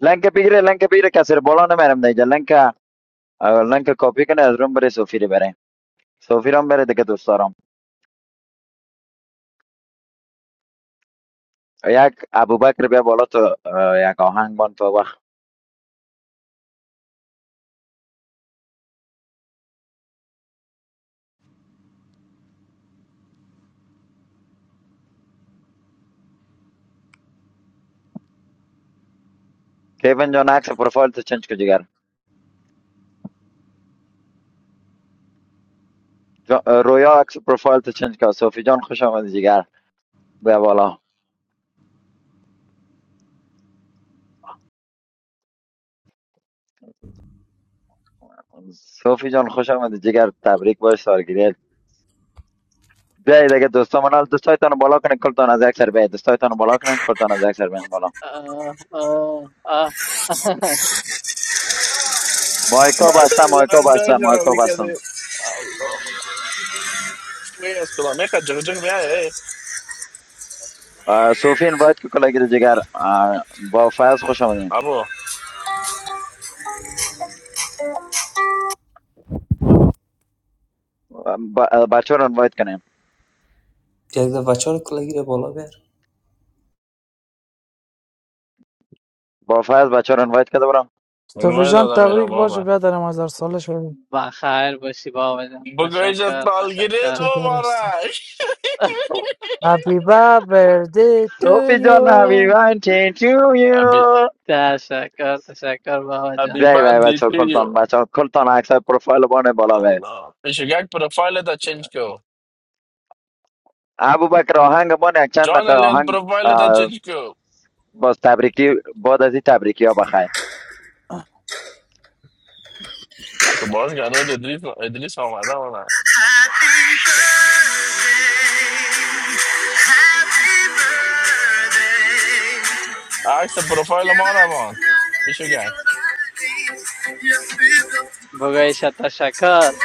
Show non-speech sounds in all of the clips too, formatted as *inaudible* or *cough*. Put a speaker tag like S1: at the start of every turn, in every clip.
S1: لنک بگیره لنک بگیره کسی رو بالا نمیرم دیگه لنک اه، کپی کنه از روم بره سفیری بره سفیرم بره دیگه دوستارم دارم یک ابوبکر بیا بالا تو اه، یک آهنگ بان تو وقت کیون جان عکس پروفایل تو چنج که جگر جا- رویا عکس پروفایل تو چنج که صوفی جان خوش آمدی جگر بیا بالا صوفی جان خوش آمدی جگر تبریک باش سالگیری بیایید دیگه دوستان منال دوستایتان رو بالا کنین کلتان از یک سر بیایید دوستایتان رو بالا کنین کلتان از یک سر بیایید بالا
S2: آه آه آه *laughs*
S1: مایکا بستم
S3: مام یه
S1: مایکا
S3: آن
S1: بستم
S3: دایی چرا
S1: مایکا بستم
S3: میکنه؟ الله فایه است ولی میکه جرق جرق میاد.
S1: آه، صوفی اینوایت که کلاگیر جگر آه، با فیض خوش آمدین
S3: آبوا
S1: ب- آه، بچه رو اینوایت کنیم
S4: Piazza Vacciano ile bola ver.
S1: با فیض بچه رو اینوایت کرده برم
S5: صوفی
S3: میمونه
S5: جان
S3: دادم اینو
S5: تبریک باشه
S3: مامان.
S5: برادر ما در سال شد
S2: بخیر باشی بابا جان
S3: بگویی چطور
S2: تشکر
S3: کلگید
S2: تشکر
S5: چکر هستیم
S3: مورا؟
S2: *laughs*
S5: هپی بردی تو
S1: صوفی جان همی
S5: یو
S1: وانتی تو
S3: ابی
S1: یو
S2: تشکر تشکر بابا
S1: بی
S3: ابی
S2: جان
S1: بی
S3: باندی
S1: بچه ها، کلتان
S3: تویو.
S1: بچه ها، کلتان عکس های پروفایل بانه بالا بی
S3: الله پیشگاه پروفایل داد چنگ کو.
S1: ابو بکر آهنگ بانه یک چند دقیقه
S3: جانلیان
S1: آهنگ
S3: پروفایل داد
S1: آه،
S3: چنگ کو.
S1: باز تبریکی باد از این تبریکی ها بخیر
S3: تو باز گنوده دریس نمودن. آخرین پروفایل مورا مان. پیشگاه.
S2: بگویش تشکر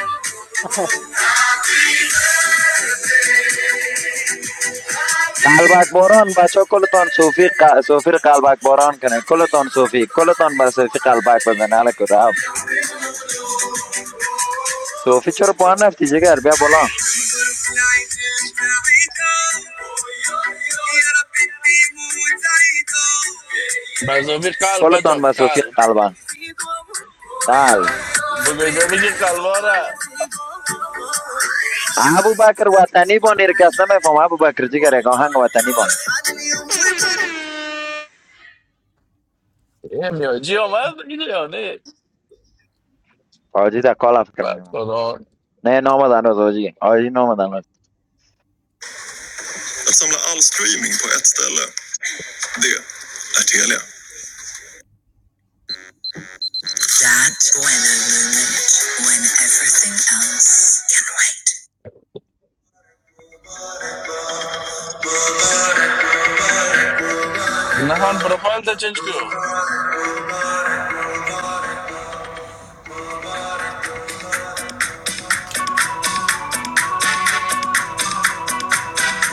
S1: قلبک باران بچه ها کلتان صوفی ق... صوفی رو قلبک باران کنه کلتان صوفی کلتان به صوفی قلبک بزنه الک رفت صوفی چرا پایین نفتی جگر بیا بالا
S3: باز او بیش کال باج
S1: کلتان مسوفی
S3: کال.
S1: قلبا قلب
S3: بگویی چه بیکال مورا؟
S4: Thank you.
S1: ابو بکر وطنی بان ایر کس نمیفهم ابو بکر جیگر یک آهنگ وطنی بان
S3: ای میوه چیو ما اینویار نه
S1: آجی در کالا فکر میمون
S3: باتران
S1: نه نامدن از آجی آجی نامدن از
S4: Att samla all streaming på ett ställe, det är Telia. That when a moment when everything else can wait.
S3: نهان پروفایل داچنچ کیو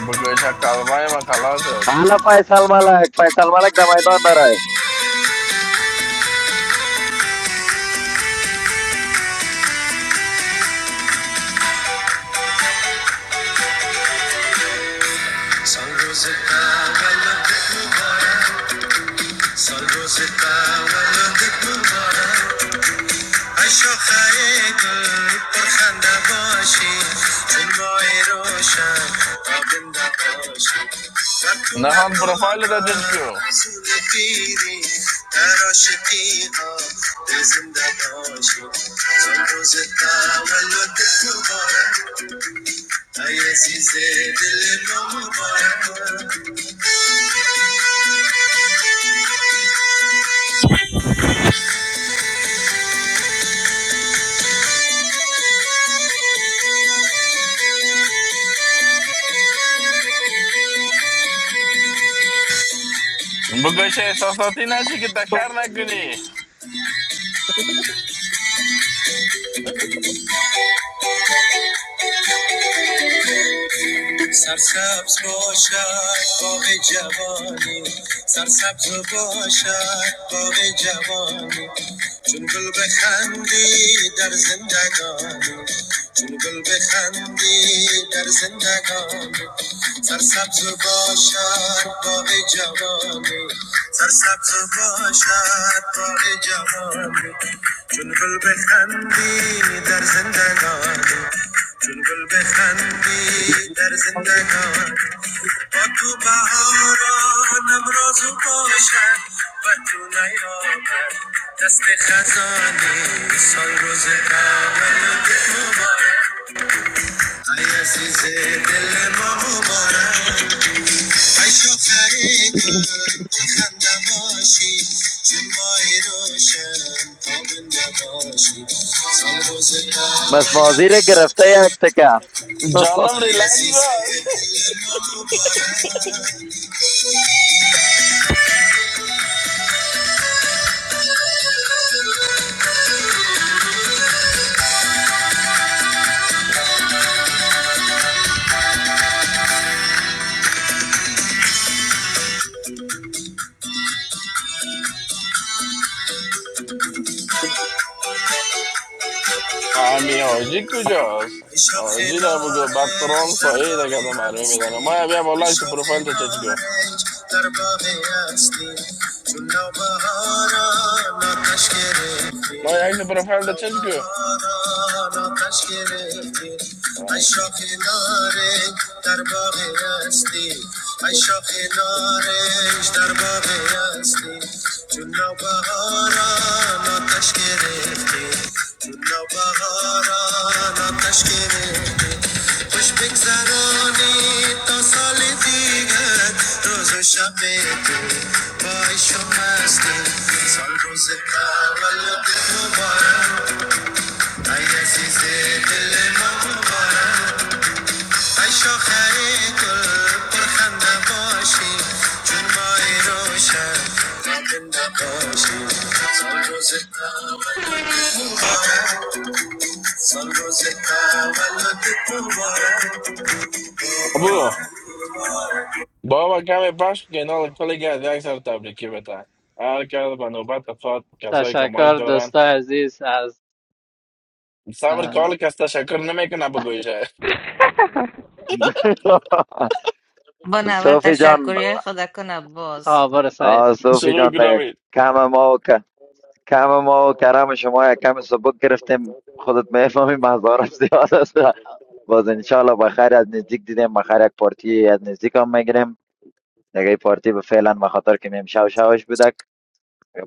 S3: بگویی شکل باهیم و خالانه
S1: حالا فیصل ملک فیصل ملک در میدان داره
S4: Sunrooz چکونه
S3: نهان
S4: تابم
S3: پروفایل داچنچ کیو
S4: اصول پیری در عاشقی ها به زنده باشی چون روز تولدت مبارک ای عزیز دل ما مبارک
S3: بگویی سه سه تیناشی که دکار نگویی
S4: سرسبز باشد باغ جوانی سرسبز باشد باغ جوانی چون گل بخندی در زندگانی گل بخندی در زندگان سرسبز و باشد باغ جوانی سرسبز و باشد باغ جوانی چون گل بخندی در زندگان چون گل بخندی در زندگان با تو بهارانم رازو باشد و تو نیابد دست خزانی سال روز اول مبارک. Thank
S1: مسنازیر گرفته یک تکه
S3: جانم
S1: *laughs*
S3: ریلیکس باش
S4: you.
S3: امیوه چیکو جاس از
S4: شاخ
S3: چی نبگو باتران
S4: نارنج
S3: سه
S4: در
S3: ای دکارت
S4: باغ
S3: ماره میدانم ما
S4: هستی
S3: ایام
S4: به
S3: ولایس
S4: شاخ
S3: پروفایل داچنچ کیو
S4: نارنج در باغ هستی چون نوبهارا ناتش
S3: ما
S4: گرفتی
S3: ایکن پروفایل داچنچ کیو
S4: نوبهارا ناتش گرفتی ای شاخ نارنج در باغ هستی ای شاخ نارنج در باغ هستی چون نوبهارا ناتش گرفتی نوبهاران آتش گرفته خوش بگذرانی تا سال دیگر روز و شب تو با عشق و مستی سال روز تولد مبارک ای عزیز دل ما مبارک ای شاخه گل پرخنده باشی جون مای روشن را زنده باشی سال روز تولد مبارک
S3: ابو بابا کم پشت که اینا کلی گرد یک سر تبریکی بتن هر کرد به نوبت خود کسایی که مایک
S2: تشکر
S3: دارن
S2: دوستای عزیز از
S3: صبر که
S2: اه،
S3: حال کس تشکر نمیکنه بگویشه
S6: با اول
S1: صوفی جان
S6: تشکری های خدا کنم باز
S2: خبر
S1: آه
S2: سایس
S1: صوفی
S3: شروع
S1: جان دیگه
S3: گرامید
S1: کم ما و ک- کم ما و کرم شما یک کم سبک گرفتیم خودت میفهمی مزارم زیاد است باز انشالله بخیر از نزدیک دیدیم بخیر یک پارتی از نزدیک هم میگیریم دیگه پارتی به فعلا به خاطر که میم شو شوش بودک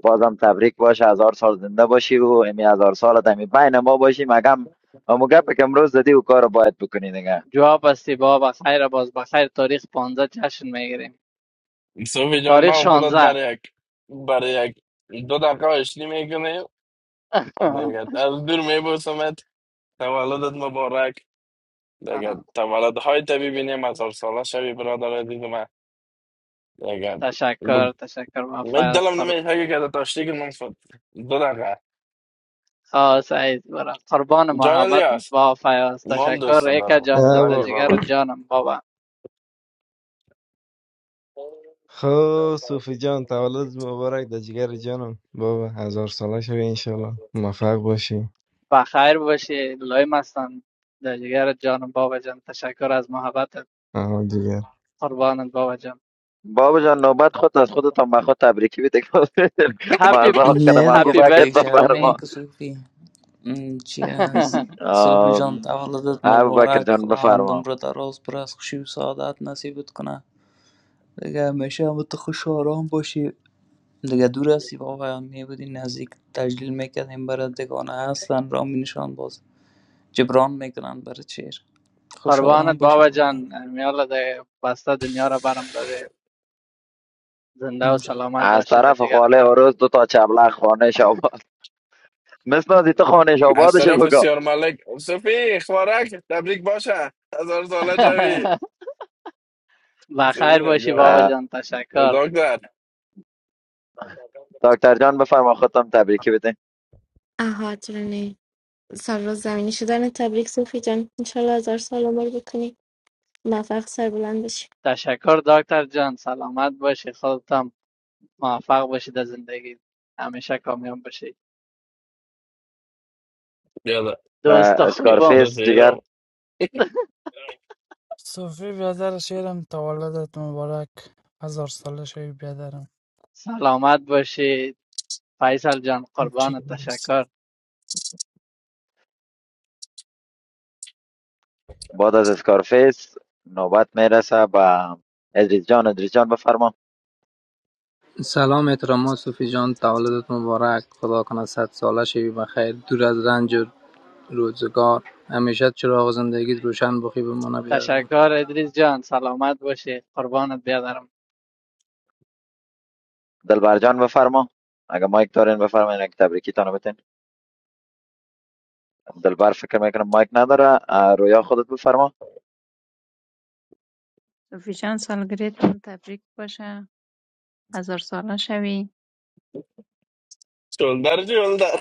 S1: بازم تبریک باشه هزار سال زنده باشی و امی هزار سال دمی بین ما باشی مگم اما گپ که امروز زدی و کار باید بکنی دیگه
S2: جواب هستی بابا خیر باز بخیر تاریخ 15 جشن میگیریم
S3: صوفی جان
S2: تاریخ
S3: من خودت
S2: 16
S3: برای یک برای یک دو دقیقه اشتی میکنه
S2: *laughs*
S3: دیگه از دور میبوسمت تولدت مبارک دکه
S2: آه،
S3: تا ولاد های تبیب نیم از ارسالش های برادر دیدی دم دکه
S2: تشکر تشکر بابا
S3: مید دلم
S2: فیض
S3: نمیده چیکه داد تاشتیگن منفط دادن که تا تشتیگ من فت دو دقیقه.
S2: آه سعید برم قربان
S3: جان
S2: محبت
S3: الله
S2: با فیاض
S3: مامدست
S2: تشکر ایکا
S3: دادم
S2: جان
S3: ای
S2: در
S3: لبی
S7: بابا
S2: جگر
S3: بابا
S2: جانم بابا
S7: خب صوفی جان تولد مبارک در جگر جانم بابا هزار ساله شوی انشالله موفق باشی
S2: بخیر باشی لایم هستم در جگر جانم بابا جان تشکر از محبت
S7: آها دیگه
S2: قربانت بابا جان
S1: بابا جان نوبت خود از خودتان به خود تبریکی بده *laughs*
S2: هپی
S1: مذاق کردم
S4: نه
S1: ابو
S4: دیگه
S2: هپی
S1: بکر
S4: قبیل
S2: بردی تو
S4: شرمینه نه
S2: می
S1: بفرما
S4: که صوفی ام، چی از
S2: *laughs*
S4: صوفی
S1: آه،
S4: جان تولدت
S1: ابو بکر
S4: مبارک
S1: جان
S4: خداوند
S1: بفرما
S4: عمر دراز پر از خوشی و سعادت نصیبت کنه دیگه همیشه هم تو خوش و آرام باشی دیگه دور هستی واقعا می بودی نزدیک تجلیل میکردیم برات دگانه هستن را می نشان باز جبران میکنن برات شعر خوش و آرام
S2: قربانت
S4: باشی
S2: بابا جان
S4: واقعا
S2: میالا ده بسته دنیا را برم داده زنده و
S4: اینجا
S2: سلامت
S1: از
S2: باشی در
S1: طرف
S2: جگر
S1: خاله
S2: جانم
S1: عروس دو تا چبلغ خانه شاباد *laughs* مثل از تو خانه شابادش
S3: عصر
S1: بگو
S3: فرستیار مالک افسری خوارگ تبریک باشه از ارسالش های
S2: *laughs* بخیر
S3: زیبایی
S2: باشی بابا
S3: دکه
S2: جان تشکر
S3: دادن کرد
S1: دکتر جان بفرما خودتان تبریکی بده
S8: آها جوني سر و زمینی شدن تبریک صوفی جان انشالله هزار سال عمر بکنی موفق سربلند بشی
S2: تشکر دکتر جان سلامت باشی خودت موفق باشی در زندگی همیشه کامیاب باشی
S3: یاده
S2: دوستا خوبم
S1: اسکارفیس
S3: یاده
S1: جگر
S3: رو
S5: صوفی برادر شیرم تولدت مبارک هزار ساله شوی بیادرم
S2: سلامت باشید فیصل جان
S5: چکر
S2: قربانت
S5: هست
S2: تشکر
S1: بعد از اسکارفیس نوبت میرسه با ادریس جان ادریس جان بفرما
S9: Assalamu alaikum, Sufijan. Tawalladatum barak. Khuda kana 70 shaybi bakhair. Dura zanjeer, roozgar. Ami chad chilo auznde gidi roshan bokhi baman bhiyadalo.
S2: تشکر ادریس جان سلامت باشی قربانت بیادرم
S1: دلبر جان بفرما اگه مایک دارین بفرمایین اگه تبریکی تانو بتین دلبر فکر میکنم مایک نداره اه، رویا خودت بفرما
S10: Officially, we are 1000 years old.
S3: شلدر شلدر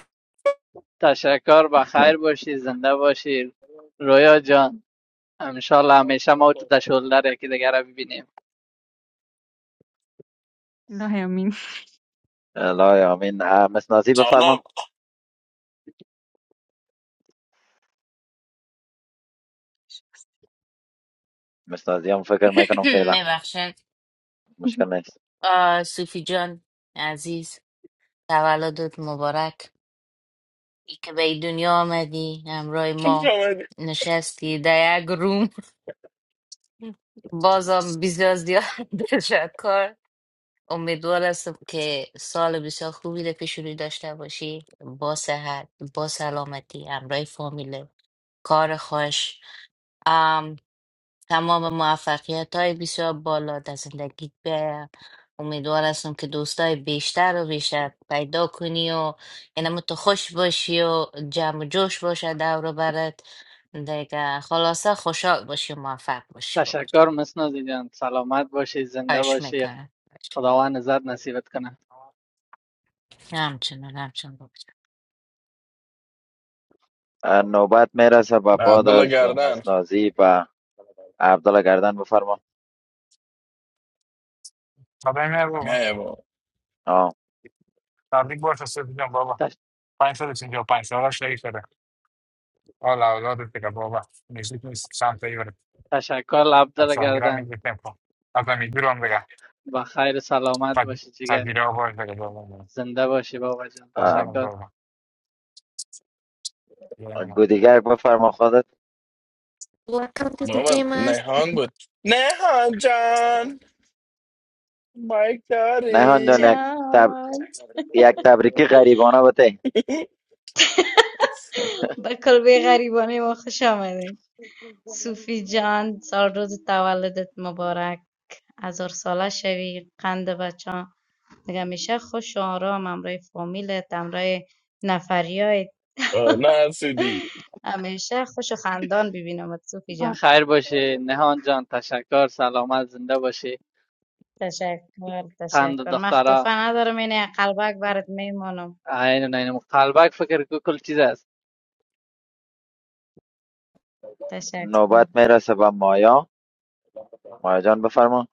S2: تشکر با خیر
S1: *laughs*
S2: باشی زنده باشی رویا جان انشالله همیشه ما تو در شلدر یکی دیگر رو ببینیم
S10: No, I mean.
S1: لا آمین مسنازی
S3: جانم
S1: بفرما مسنازی هم فکر میکنم
S6: *clears throat*
S1: فعلا
S6: میبخشن
S1: مشکل نیست
S6: صوفی جان عزیز تولدت مبارک ای که به دنیا آمدی همراه
S3: خوش
S6: ما
S3: آمدی
S6: نشستی در یک روم بازم بسیار زیاد تشکر امیدوار هستم که سال بسیار خوبی رو پیش روی داشته باشی با صحت با سلامتی همراه فامیل کار خوش تمام موفقیت های بسیار بالا در زندگیت به امیدوار هستم که دوستای بیشتر و بیشتر پیدا کنی و اینم تو خوش باشی و جمع و جوش باشه دور و برت دیگه خلاصه خوشحال باشی و موفق باشی بابا جان
S2: تشکر مسنوزی جان سلامت باشی زنده
S6: خواهش
S2: باشی
S6: میکنم
S2: خداوند عزت نصیبت کنه
S6: همچنان همچنان بابا جان.
S1: اه، نوبت میرسه با بعد
S3: عبدالله
S1: از
S3: گردن
S1: مسنازی با عبدالله گردن بفرما
S11: Sabe mi baba.
S3: نه بابا
S1: آه،
S11: Tebrik bu arada söyleyeceğim baba.
S2: تش-
S11: Pansal için diyor. Pansal şey yukarı. Ola ola da tika baba. Müzik mi santa yukarı.
S2: تشکر
S11: At
S2: لبدر
S11: sol gira
S2: گردن
S11: mi bir tempo. Ata mi bir onda ga.
S2: با خیر سلامت
S11: Pa
S2: باشی جگر
S11: sa dire o boy da baba.
S2: زنده باشی بابا جان
S1: اه،
S11: Ormano
S2: تشکر
S11: baba. Yine no.
S1: گودیگر بفرما خودت
S8: Welcome to the
S3: بابا
S8: game
S3: نهان بود نهان جان مایک
S1: نهان جان
S3: داری
S1: یک, تب...
S12: Jan,
S1: یک تبریکی غریبانه بته
S12: bakol be qari boni mo khoshamide. Sufi Jan, zarrooz tavallodet mubarak az arsalash vi khand va cha. Mega mishe khoshoura amamray familiyamamray nafaryay.
S3: آه، نه سیدی
S12: Mega mishe khoshu khandaan bibino mat Sufi Jan.
S2: بخیر باشی نهان جان تشکر سلامت زنده باشی
S12: Tashakur
S2: قند
S12: tashakur.
S2: دخترا
S12: Mahtufan adar min aqalbak barad meymanam.
S2: عین و نین قلبک فکر کو کل چیز است
S12: Tashakur
S1: نوبت میرسه به مایا مایا جان بفرما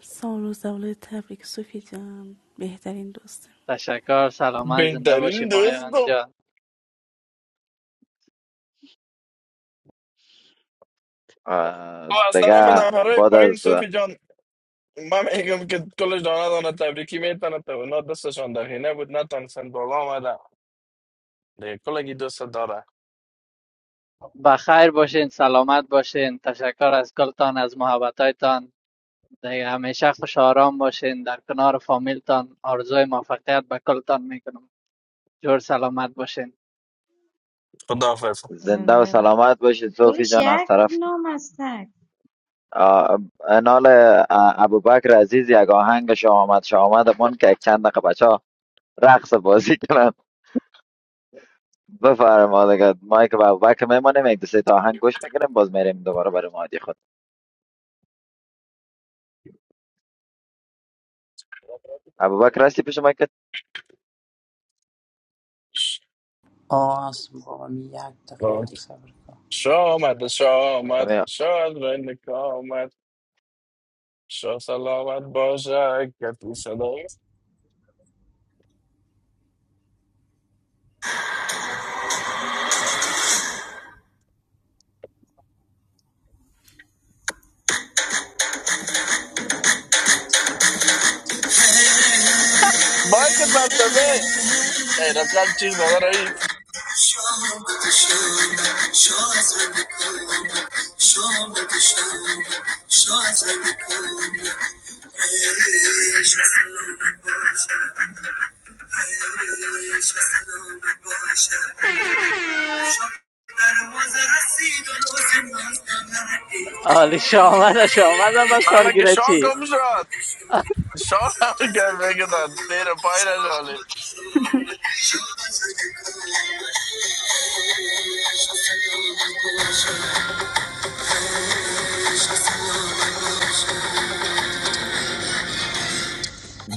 S13: So we have the fabric sufficient. We have the indistinct.
S2: تشکر سلامت زنده باشی
S3: بهترین
S2: ماهان
S3: دوستم
S2: جان
S1: آه،
S3: از طرف
S1: دیگه
S3: نفرهای
S1: بعد
S3: پایین
S1: از
S3: صوفی جان من میگم که کلش دانه دانه تبریکی میتونه اونا دستشان دخینه بود نتانستن بالا آمده دیگه کلگی دوست داره
S2: بخیر باشین سلامت باشین تشکر از کلتان از محبتایتان دیگه همیشه خوش و آرام باشین در کنار فامیلتان آرزوی موفقیت به کلتان میکنم جور سلامت باشین
S3: خداحافظ
S1: زنده و
S12: zinda. *laughs* *laughs*
S1: سلامت باشید
S12: Do
S1: صوفی جان از
S12: you
S1: طرف
S12: know something?
S1: آه، انال آه، ابوبکر عزیز یک آهنگ شامت شامت من که یک چند دقیقه بچه ها رقص بازی کنن بفرما دیگه ما که به ابوبکر میمانیم یک دو سه تا آهنگ گوش میکنیم باز میریم دوباره برای مادی خود ابوبکر هستی پیش ما که
S4: آه هست واقعا یک دقیقه یک صبر کن
S3: شا آمد شا آمد شا از رنک آمد شا سلامت باشه که تو صدای بای که مستزه ای رقم چیخ داده رئیس
S4: شعلو بشه شعلو بشه شک در مزار سیدون و سمت ناتی
S2: عالی شامده شامده به
S3: حالا که
S2: سالگیره
S3: شا
S2: چی
S3: کم شد شا
S4: شما
S3: نمی کرد
S4: بگو
S3: بگیدن تیر پای
S4: شما
S3: نشالی
S4: بگو
S10: *laughs*
S4: شما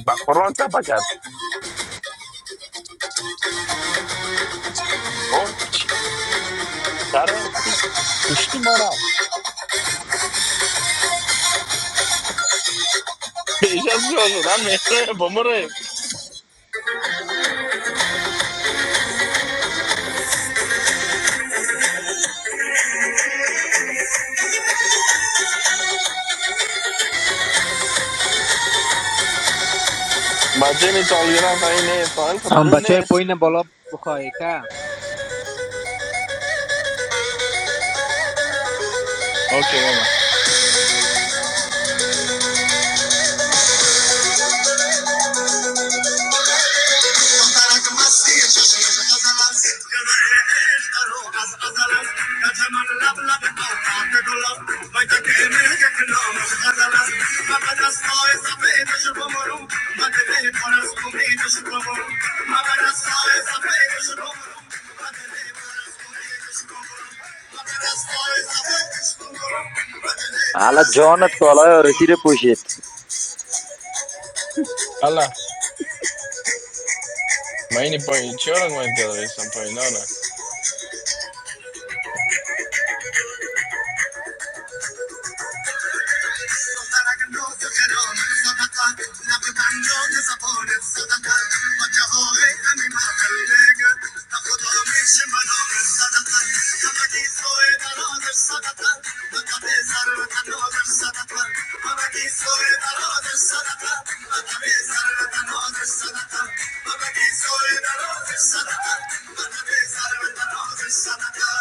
S3: بقران چپا کرد اوه چرا هستی کشتی ما را بیشتر جا شدم مهره با مره بچه می سالگرد از این نه
S9: Ham
S3: خداروم
S9: bachey
S3: نیست
S9: poine bolab bokheika.
S4: بگو
S3: اوکی بابا
S1: حالا جانت کالای
S4: Thank
S1: آرسی
S4: you.
S1: پوشید
S3: الله ما این پایین چی رنگ باید گذاره پایین آره
S4: Sadaka,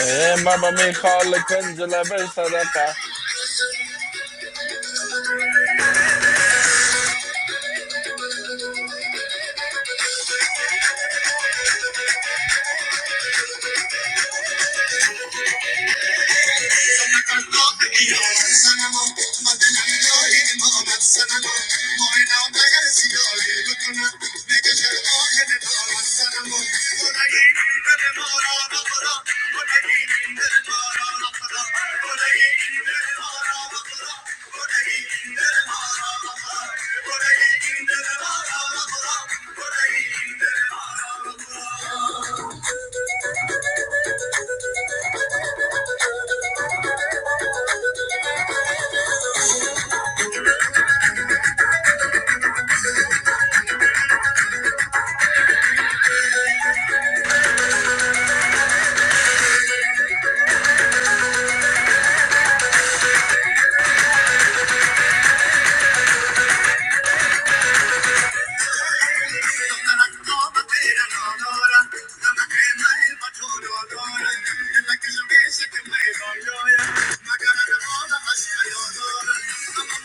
S3: ای ما با می خال کنج لبش صدقه
S4: Thank you.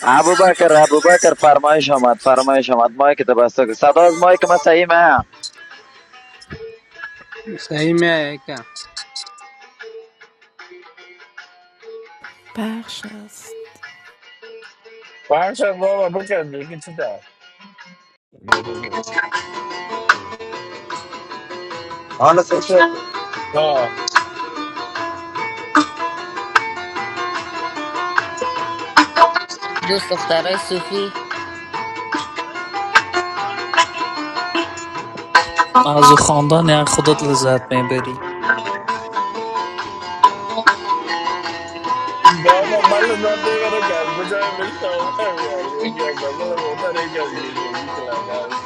S1: ابوبکر ابوبکر فرمایش آمد فرمایش آمد مایک تو بسته کن. صدا از مایک من سیمه
S9: Sahi mehika.
S13: Perhaps.
S3: باشد بابا بکن دیگه چی دار
S1: آن سوچه
S3: آه،
S6: دوست دخترای صوفی
S4: از خواندن هر خودت لذت میبری.
S3: بابا مال داده برو کرد دو جای بشکم هم یار یکی از دفل موتر یکی از گیشو بکلم هم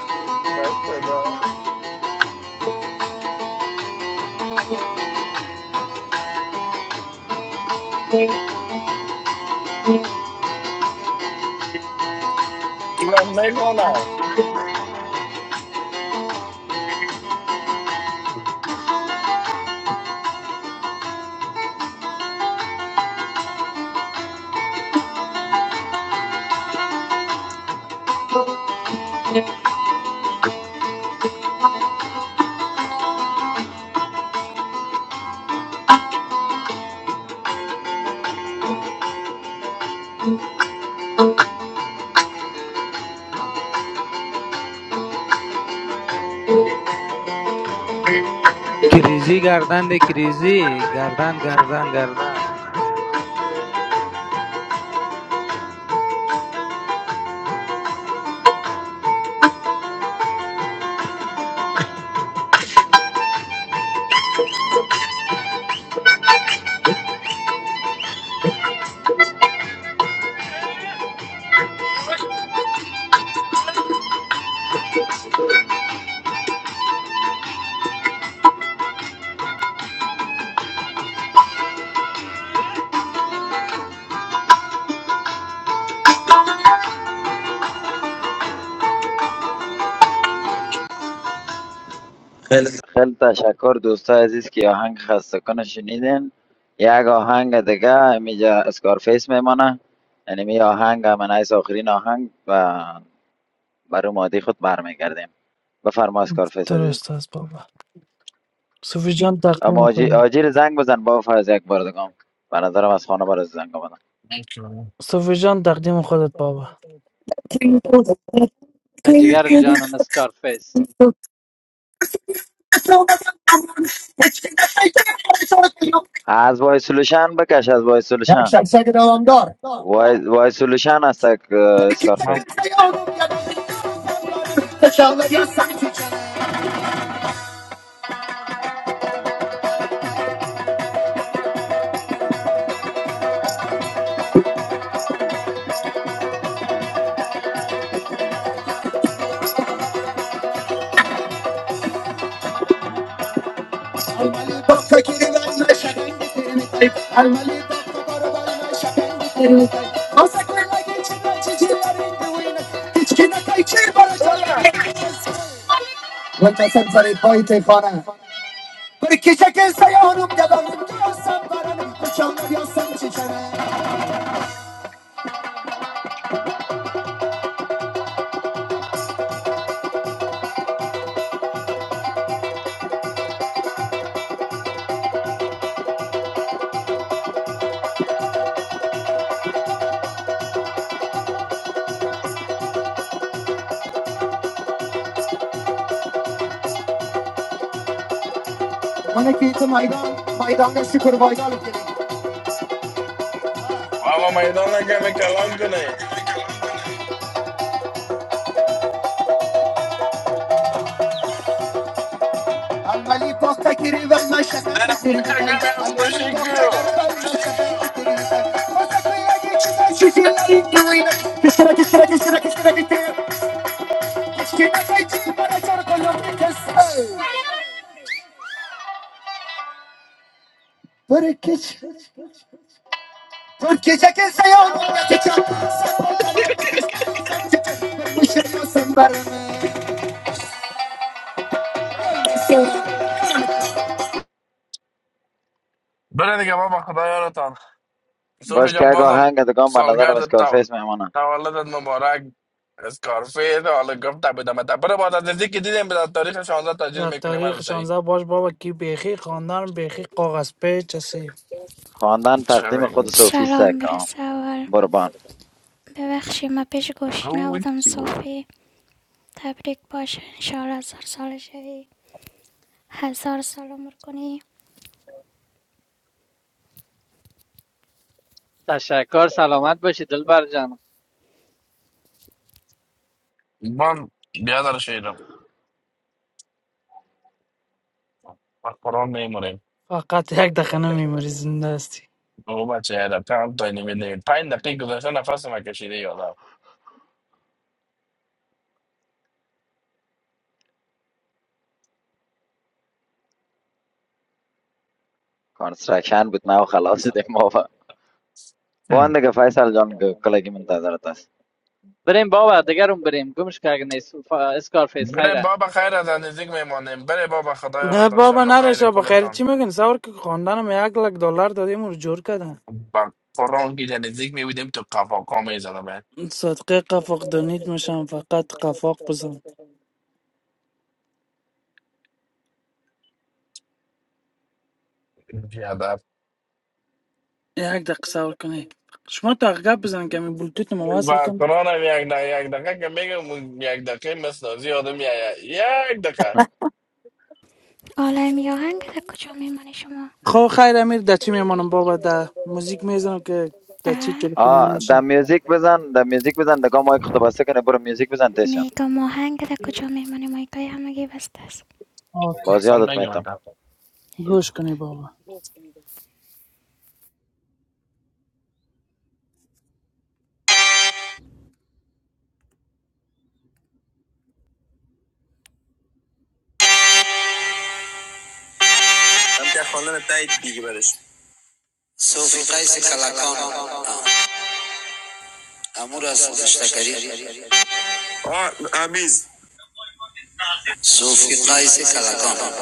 S3: بس خدا چی وقت نکنم
S9: Kiriji gardan de, kiriji gardan, gardan, gardan.
S1: خیلی تشکر دوستای عزیز که آهنگ خسته کنه شنیدین یک آهنگ دیگه اینجا اسکارفیس میمانه یعنی می آهنگ من از آخرین آهنگ و برای مادی خود برمیگردیم بفرما اسکارفیس عزیز
S5: درست است بابا صوفی جان
S1: اما
S5: تقدیم
S1: آجی-
S5: خودت
S1: آجیل زنگ بزن با از یک بار دیگه به نظرم از خانه برای زنگ بزن
S3: Thank you.
S5: صوفی جان تقدیم خودت بابا
S2: *laughs* جگر جانم سکارفیس
S1: از وای سولوشن بکش از وای سولوشن وای, وای سولوشن است اسکارفیس
S11: Mam.
S3: Olha lá!
S5: Bana kıyıtı maydan, maydanda şükür baydan
S3: Ó, mamãe, não na game کلام کنه
S5: الملك وقتك كريم ما شكاي
S3: زن فکر
S5: تربتاي
S3: گم باشی
S5: الملك وقتك كريم
S3: کو
S5: ما شكاي تربتاي وقتك يا جيش شتي انتوين تشرك تشرك تشرك تشرك تشرك تشرك بنا شر كله بكس بركش تركيش كيس يا
S3: بره دیگه بابا خدا یارتان صوفی
S1: باشکه که
S3: جان
S1: اگه
S3: بازم
S1: آهنگ دگان به نظرم
S3: سالگرد تو
S1: اسکارفیس میمانه
S3: تولدت مبارک اسکارفید حالا گفت بدم تا بره باز از نزدیک که دیدیم به تاریخ 16 تجلیل
S5: در
S3: میکنیم
S5: تاریخ
S3: از صحیح
S5: 16 باش بابا کی بیخی خواندن بیخی کاغذ پیچ هستی
S1: خواندن
S3: چه
S1: تقدیم خود
S3: بگم.
S1: صوفیسته که بربان
S3: او چی بود
S14: Assalamualaikum.
S2: تشکر سلامت باشی دلبر جان
S3: من بیادر شیرم از قرآن میمونیم
S5: فقط یک دقیقه نمیموری زنده هستی
S3: او بچه تانتا نمیدونیم پنج دقیق گذاشته نفس ما کشیده یادم
S1: کانسترکشن بود نه و خلاص شدیم ما با بان
S3: هم.
S1: دیگه فیصل جان که کلگی منتظرت است
S2: بریم بابا دیگرون بریم گمش که اگه نیست فا- اسکارفیس
S3: بریم
S2: خیره
S3: بابا خیر از نزدیک میمانیم بره بابا خدایا رو
S5: نه
S3: تا شب
S5: بابا
S3: بخیر
S5: نرشا بخیر
S3: کلتان
S5: چی میگن سوار که خواندنم یک لک دلار دادیم و جور کردن
S3: با قرآن که در نزدیک میبودیم تو قفاقا میزدم
S5: صدقه قفاق دانید میشم فقط قفاق بزن
S3: بیادب
S5: یک دقیقه سوار کنی شما تا گپ بزن که می بلوتوت ما وصل
S3: و
S5: کن
S3: قرآن هم یک دقیقه یک دقیقه که میگم یک دقیقه مسنازی آدم یا یا- یک دقیقه
S1: *laughs*
S5: خو خیر امیر در چی میمانم بابا در موزیک میزنم که در چی تلفن
S1: آه د
S5: نمیشین
S1: میوزیک بزن د میوزیک بزن دگاه مایک خود بسته کنه برو میوزیک بزن تشم
S5: اوکی
S1: باز
S3: اصلا
S1: یادت
S3: میگم من
S1: میتم
S3: دقیقه
S5: گوش کنی بابا هم که خواندن تایید دیگه برش صوفی قیس کلکان امور از خودش تکریر آه، امیز صوفی قیس کلکان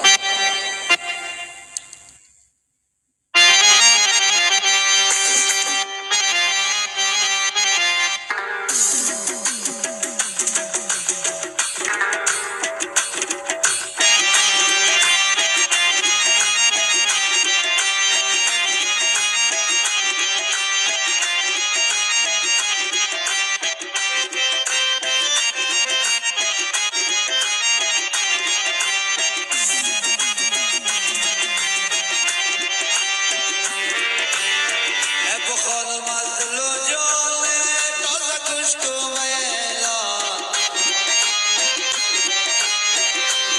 S5: এ বখল মাজলুজোলে তো সকুশ্ত মেলা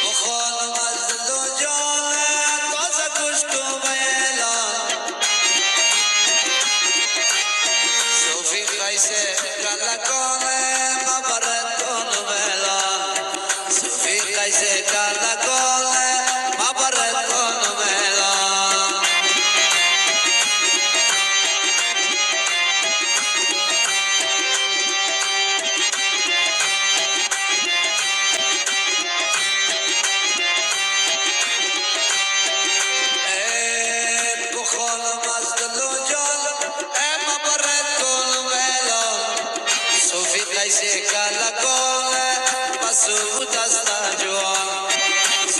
S5: বখল মাজলুজোলে তো সকুশ্ত মেলা সুফী কাইসে কালকোনে মাবারেত কোন মেলা সুফী কাইসে কালকোলে মাবারেত কোন মেলা এ বখল মাজলুজোল এ মাবারেত কোন মেলা Su vida y seca la come, pa' su buta sta giù.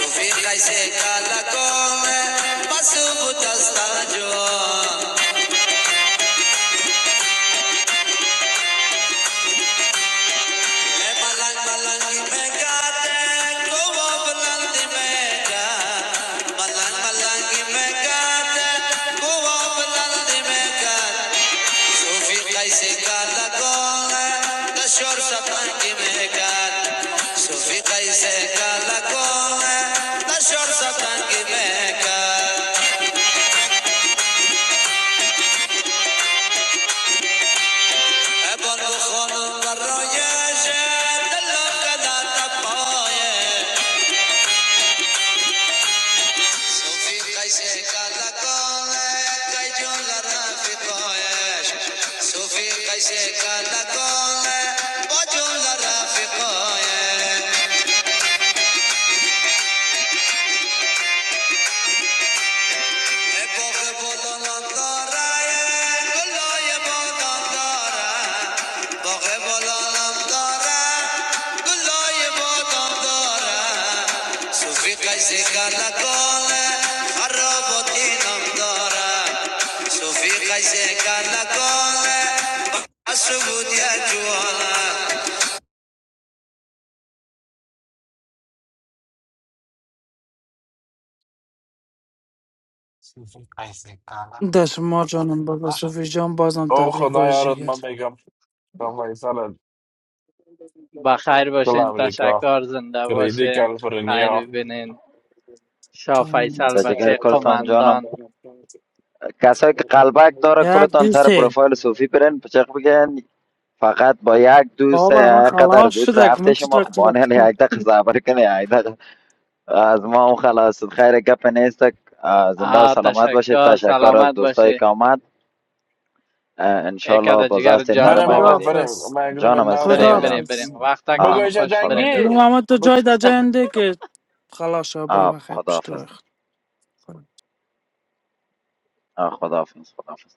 S5: Su vida y seca la come, pa' su buta sta giù. Me balang balang di mekate, kowo balang di meka. Balang balang di mekate, kowo balang di meka. সুফি কাইসেকা লকোনে দশর সত্যন্তি মেকান সুফি কাইসেকা লকোনে দশর সত্যন্তি মেকান এবার খোলু পর্যায়ের দলকে দাতা পায়ে সুফি কাইসেকা লকোনে কাইজন লারা ফিতায়ে সুফি কাইসেকা লকোনে বজুল লারা ফিতায় باغ بلندان دارد گلای بادام دارد باغ بلندان دارد گلای بادام دارد صوفی قیسی کلا کاله خرابات اینم دارد صوفی قیسی کلا کاله بسود یه جوانه
S11: Ay
S5: داشت ما جانم بابا صوفی جان بازم
S3: او
S5: تبریک باش
S3: خدایا رو
S5: جگر
S3: من میگم کامای سر
S2: با خیر
S3: کل
S2: باشین
S3: امریکا
S2: تشکر زنده
S3: کریدی
S2: باشین
S3: کالیفرنیا
S2: خیر ببینین شاه
S5: جانم
S2: فیصل
S1: د
S5: هستی.
S1: جگر
S2: بچه
S1: کلتان جانم
S2: قماندان
S1: کسایی که قلبک داره
S5: یک
S1: کلتان سر
S5: دوست
S1: پروفایل صوفی پرن پچق بگن فقط با یک دوست
S5: بابا من
S1: قدر
S5: خلاص
S1: دوت
S5: شدک من
S1: رفته شما
S5: چطور
S1: خب بانه
S5: کنم
S1: یک دقیقه صبر کنه یک دقیقه از ما هم خلاص شد. خیر گپ نیستک اه، زنده و
S2: آه
S1: سلامت باشید
S2: تشکر
S1: تشکر از
S2: سلامت
S1: دوستایی
S2: باشی
S1: که آمد اه،
S2: یک
S1: انشالله
S2: عدد
S1: باز
S2: جگر
S1: هستیم در
S2: جانم
S3: بریم
S1: ما
S3: بابا
S2: بابا
S1: بدید
S3: بریم
S5: خداحافظ
S3: من گروه
S1: جانم هستی
S3: نام
S2: بریم
S1: صوفی
S3: میزنم
S1: جان
S2: بریم
S5: خداحافظ
S2: بریم وقت
S1: آه
S2: تکتان
S3: بگویش
S2: خوش بریم
S1: خدا
S2: دو
S5: برو
S3: جنگی
S5: محمد تو جای در جای انده که خلاص شو برو
S1: آه
S5: بخیر پیش تو
S1: خداحافظ
S5: رخت.
S1: آه خداحافظ خداحافظ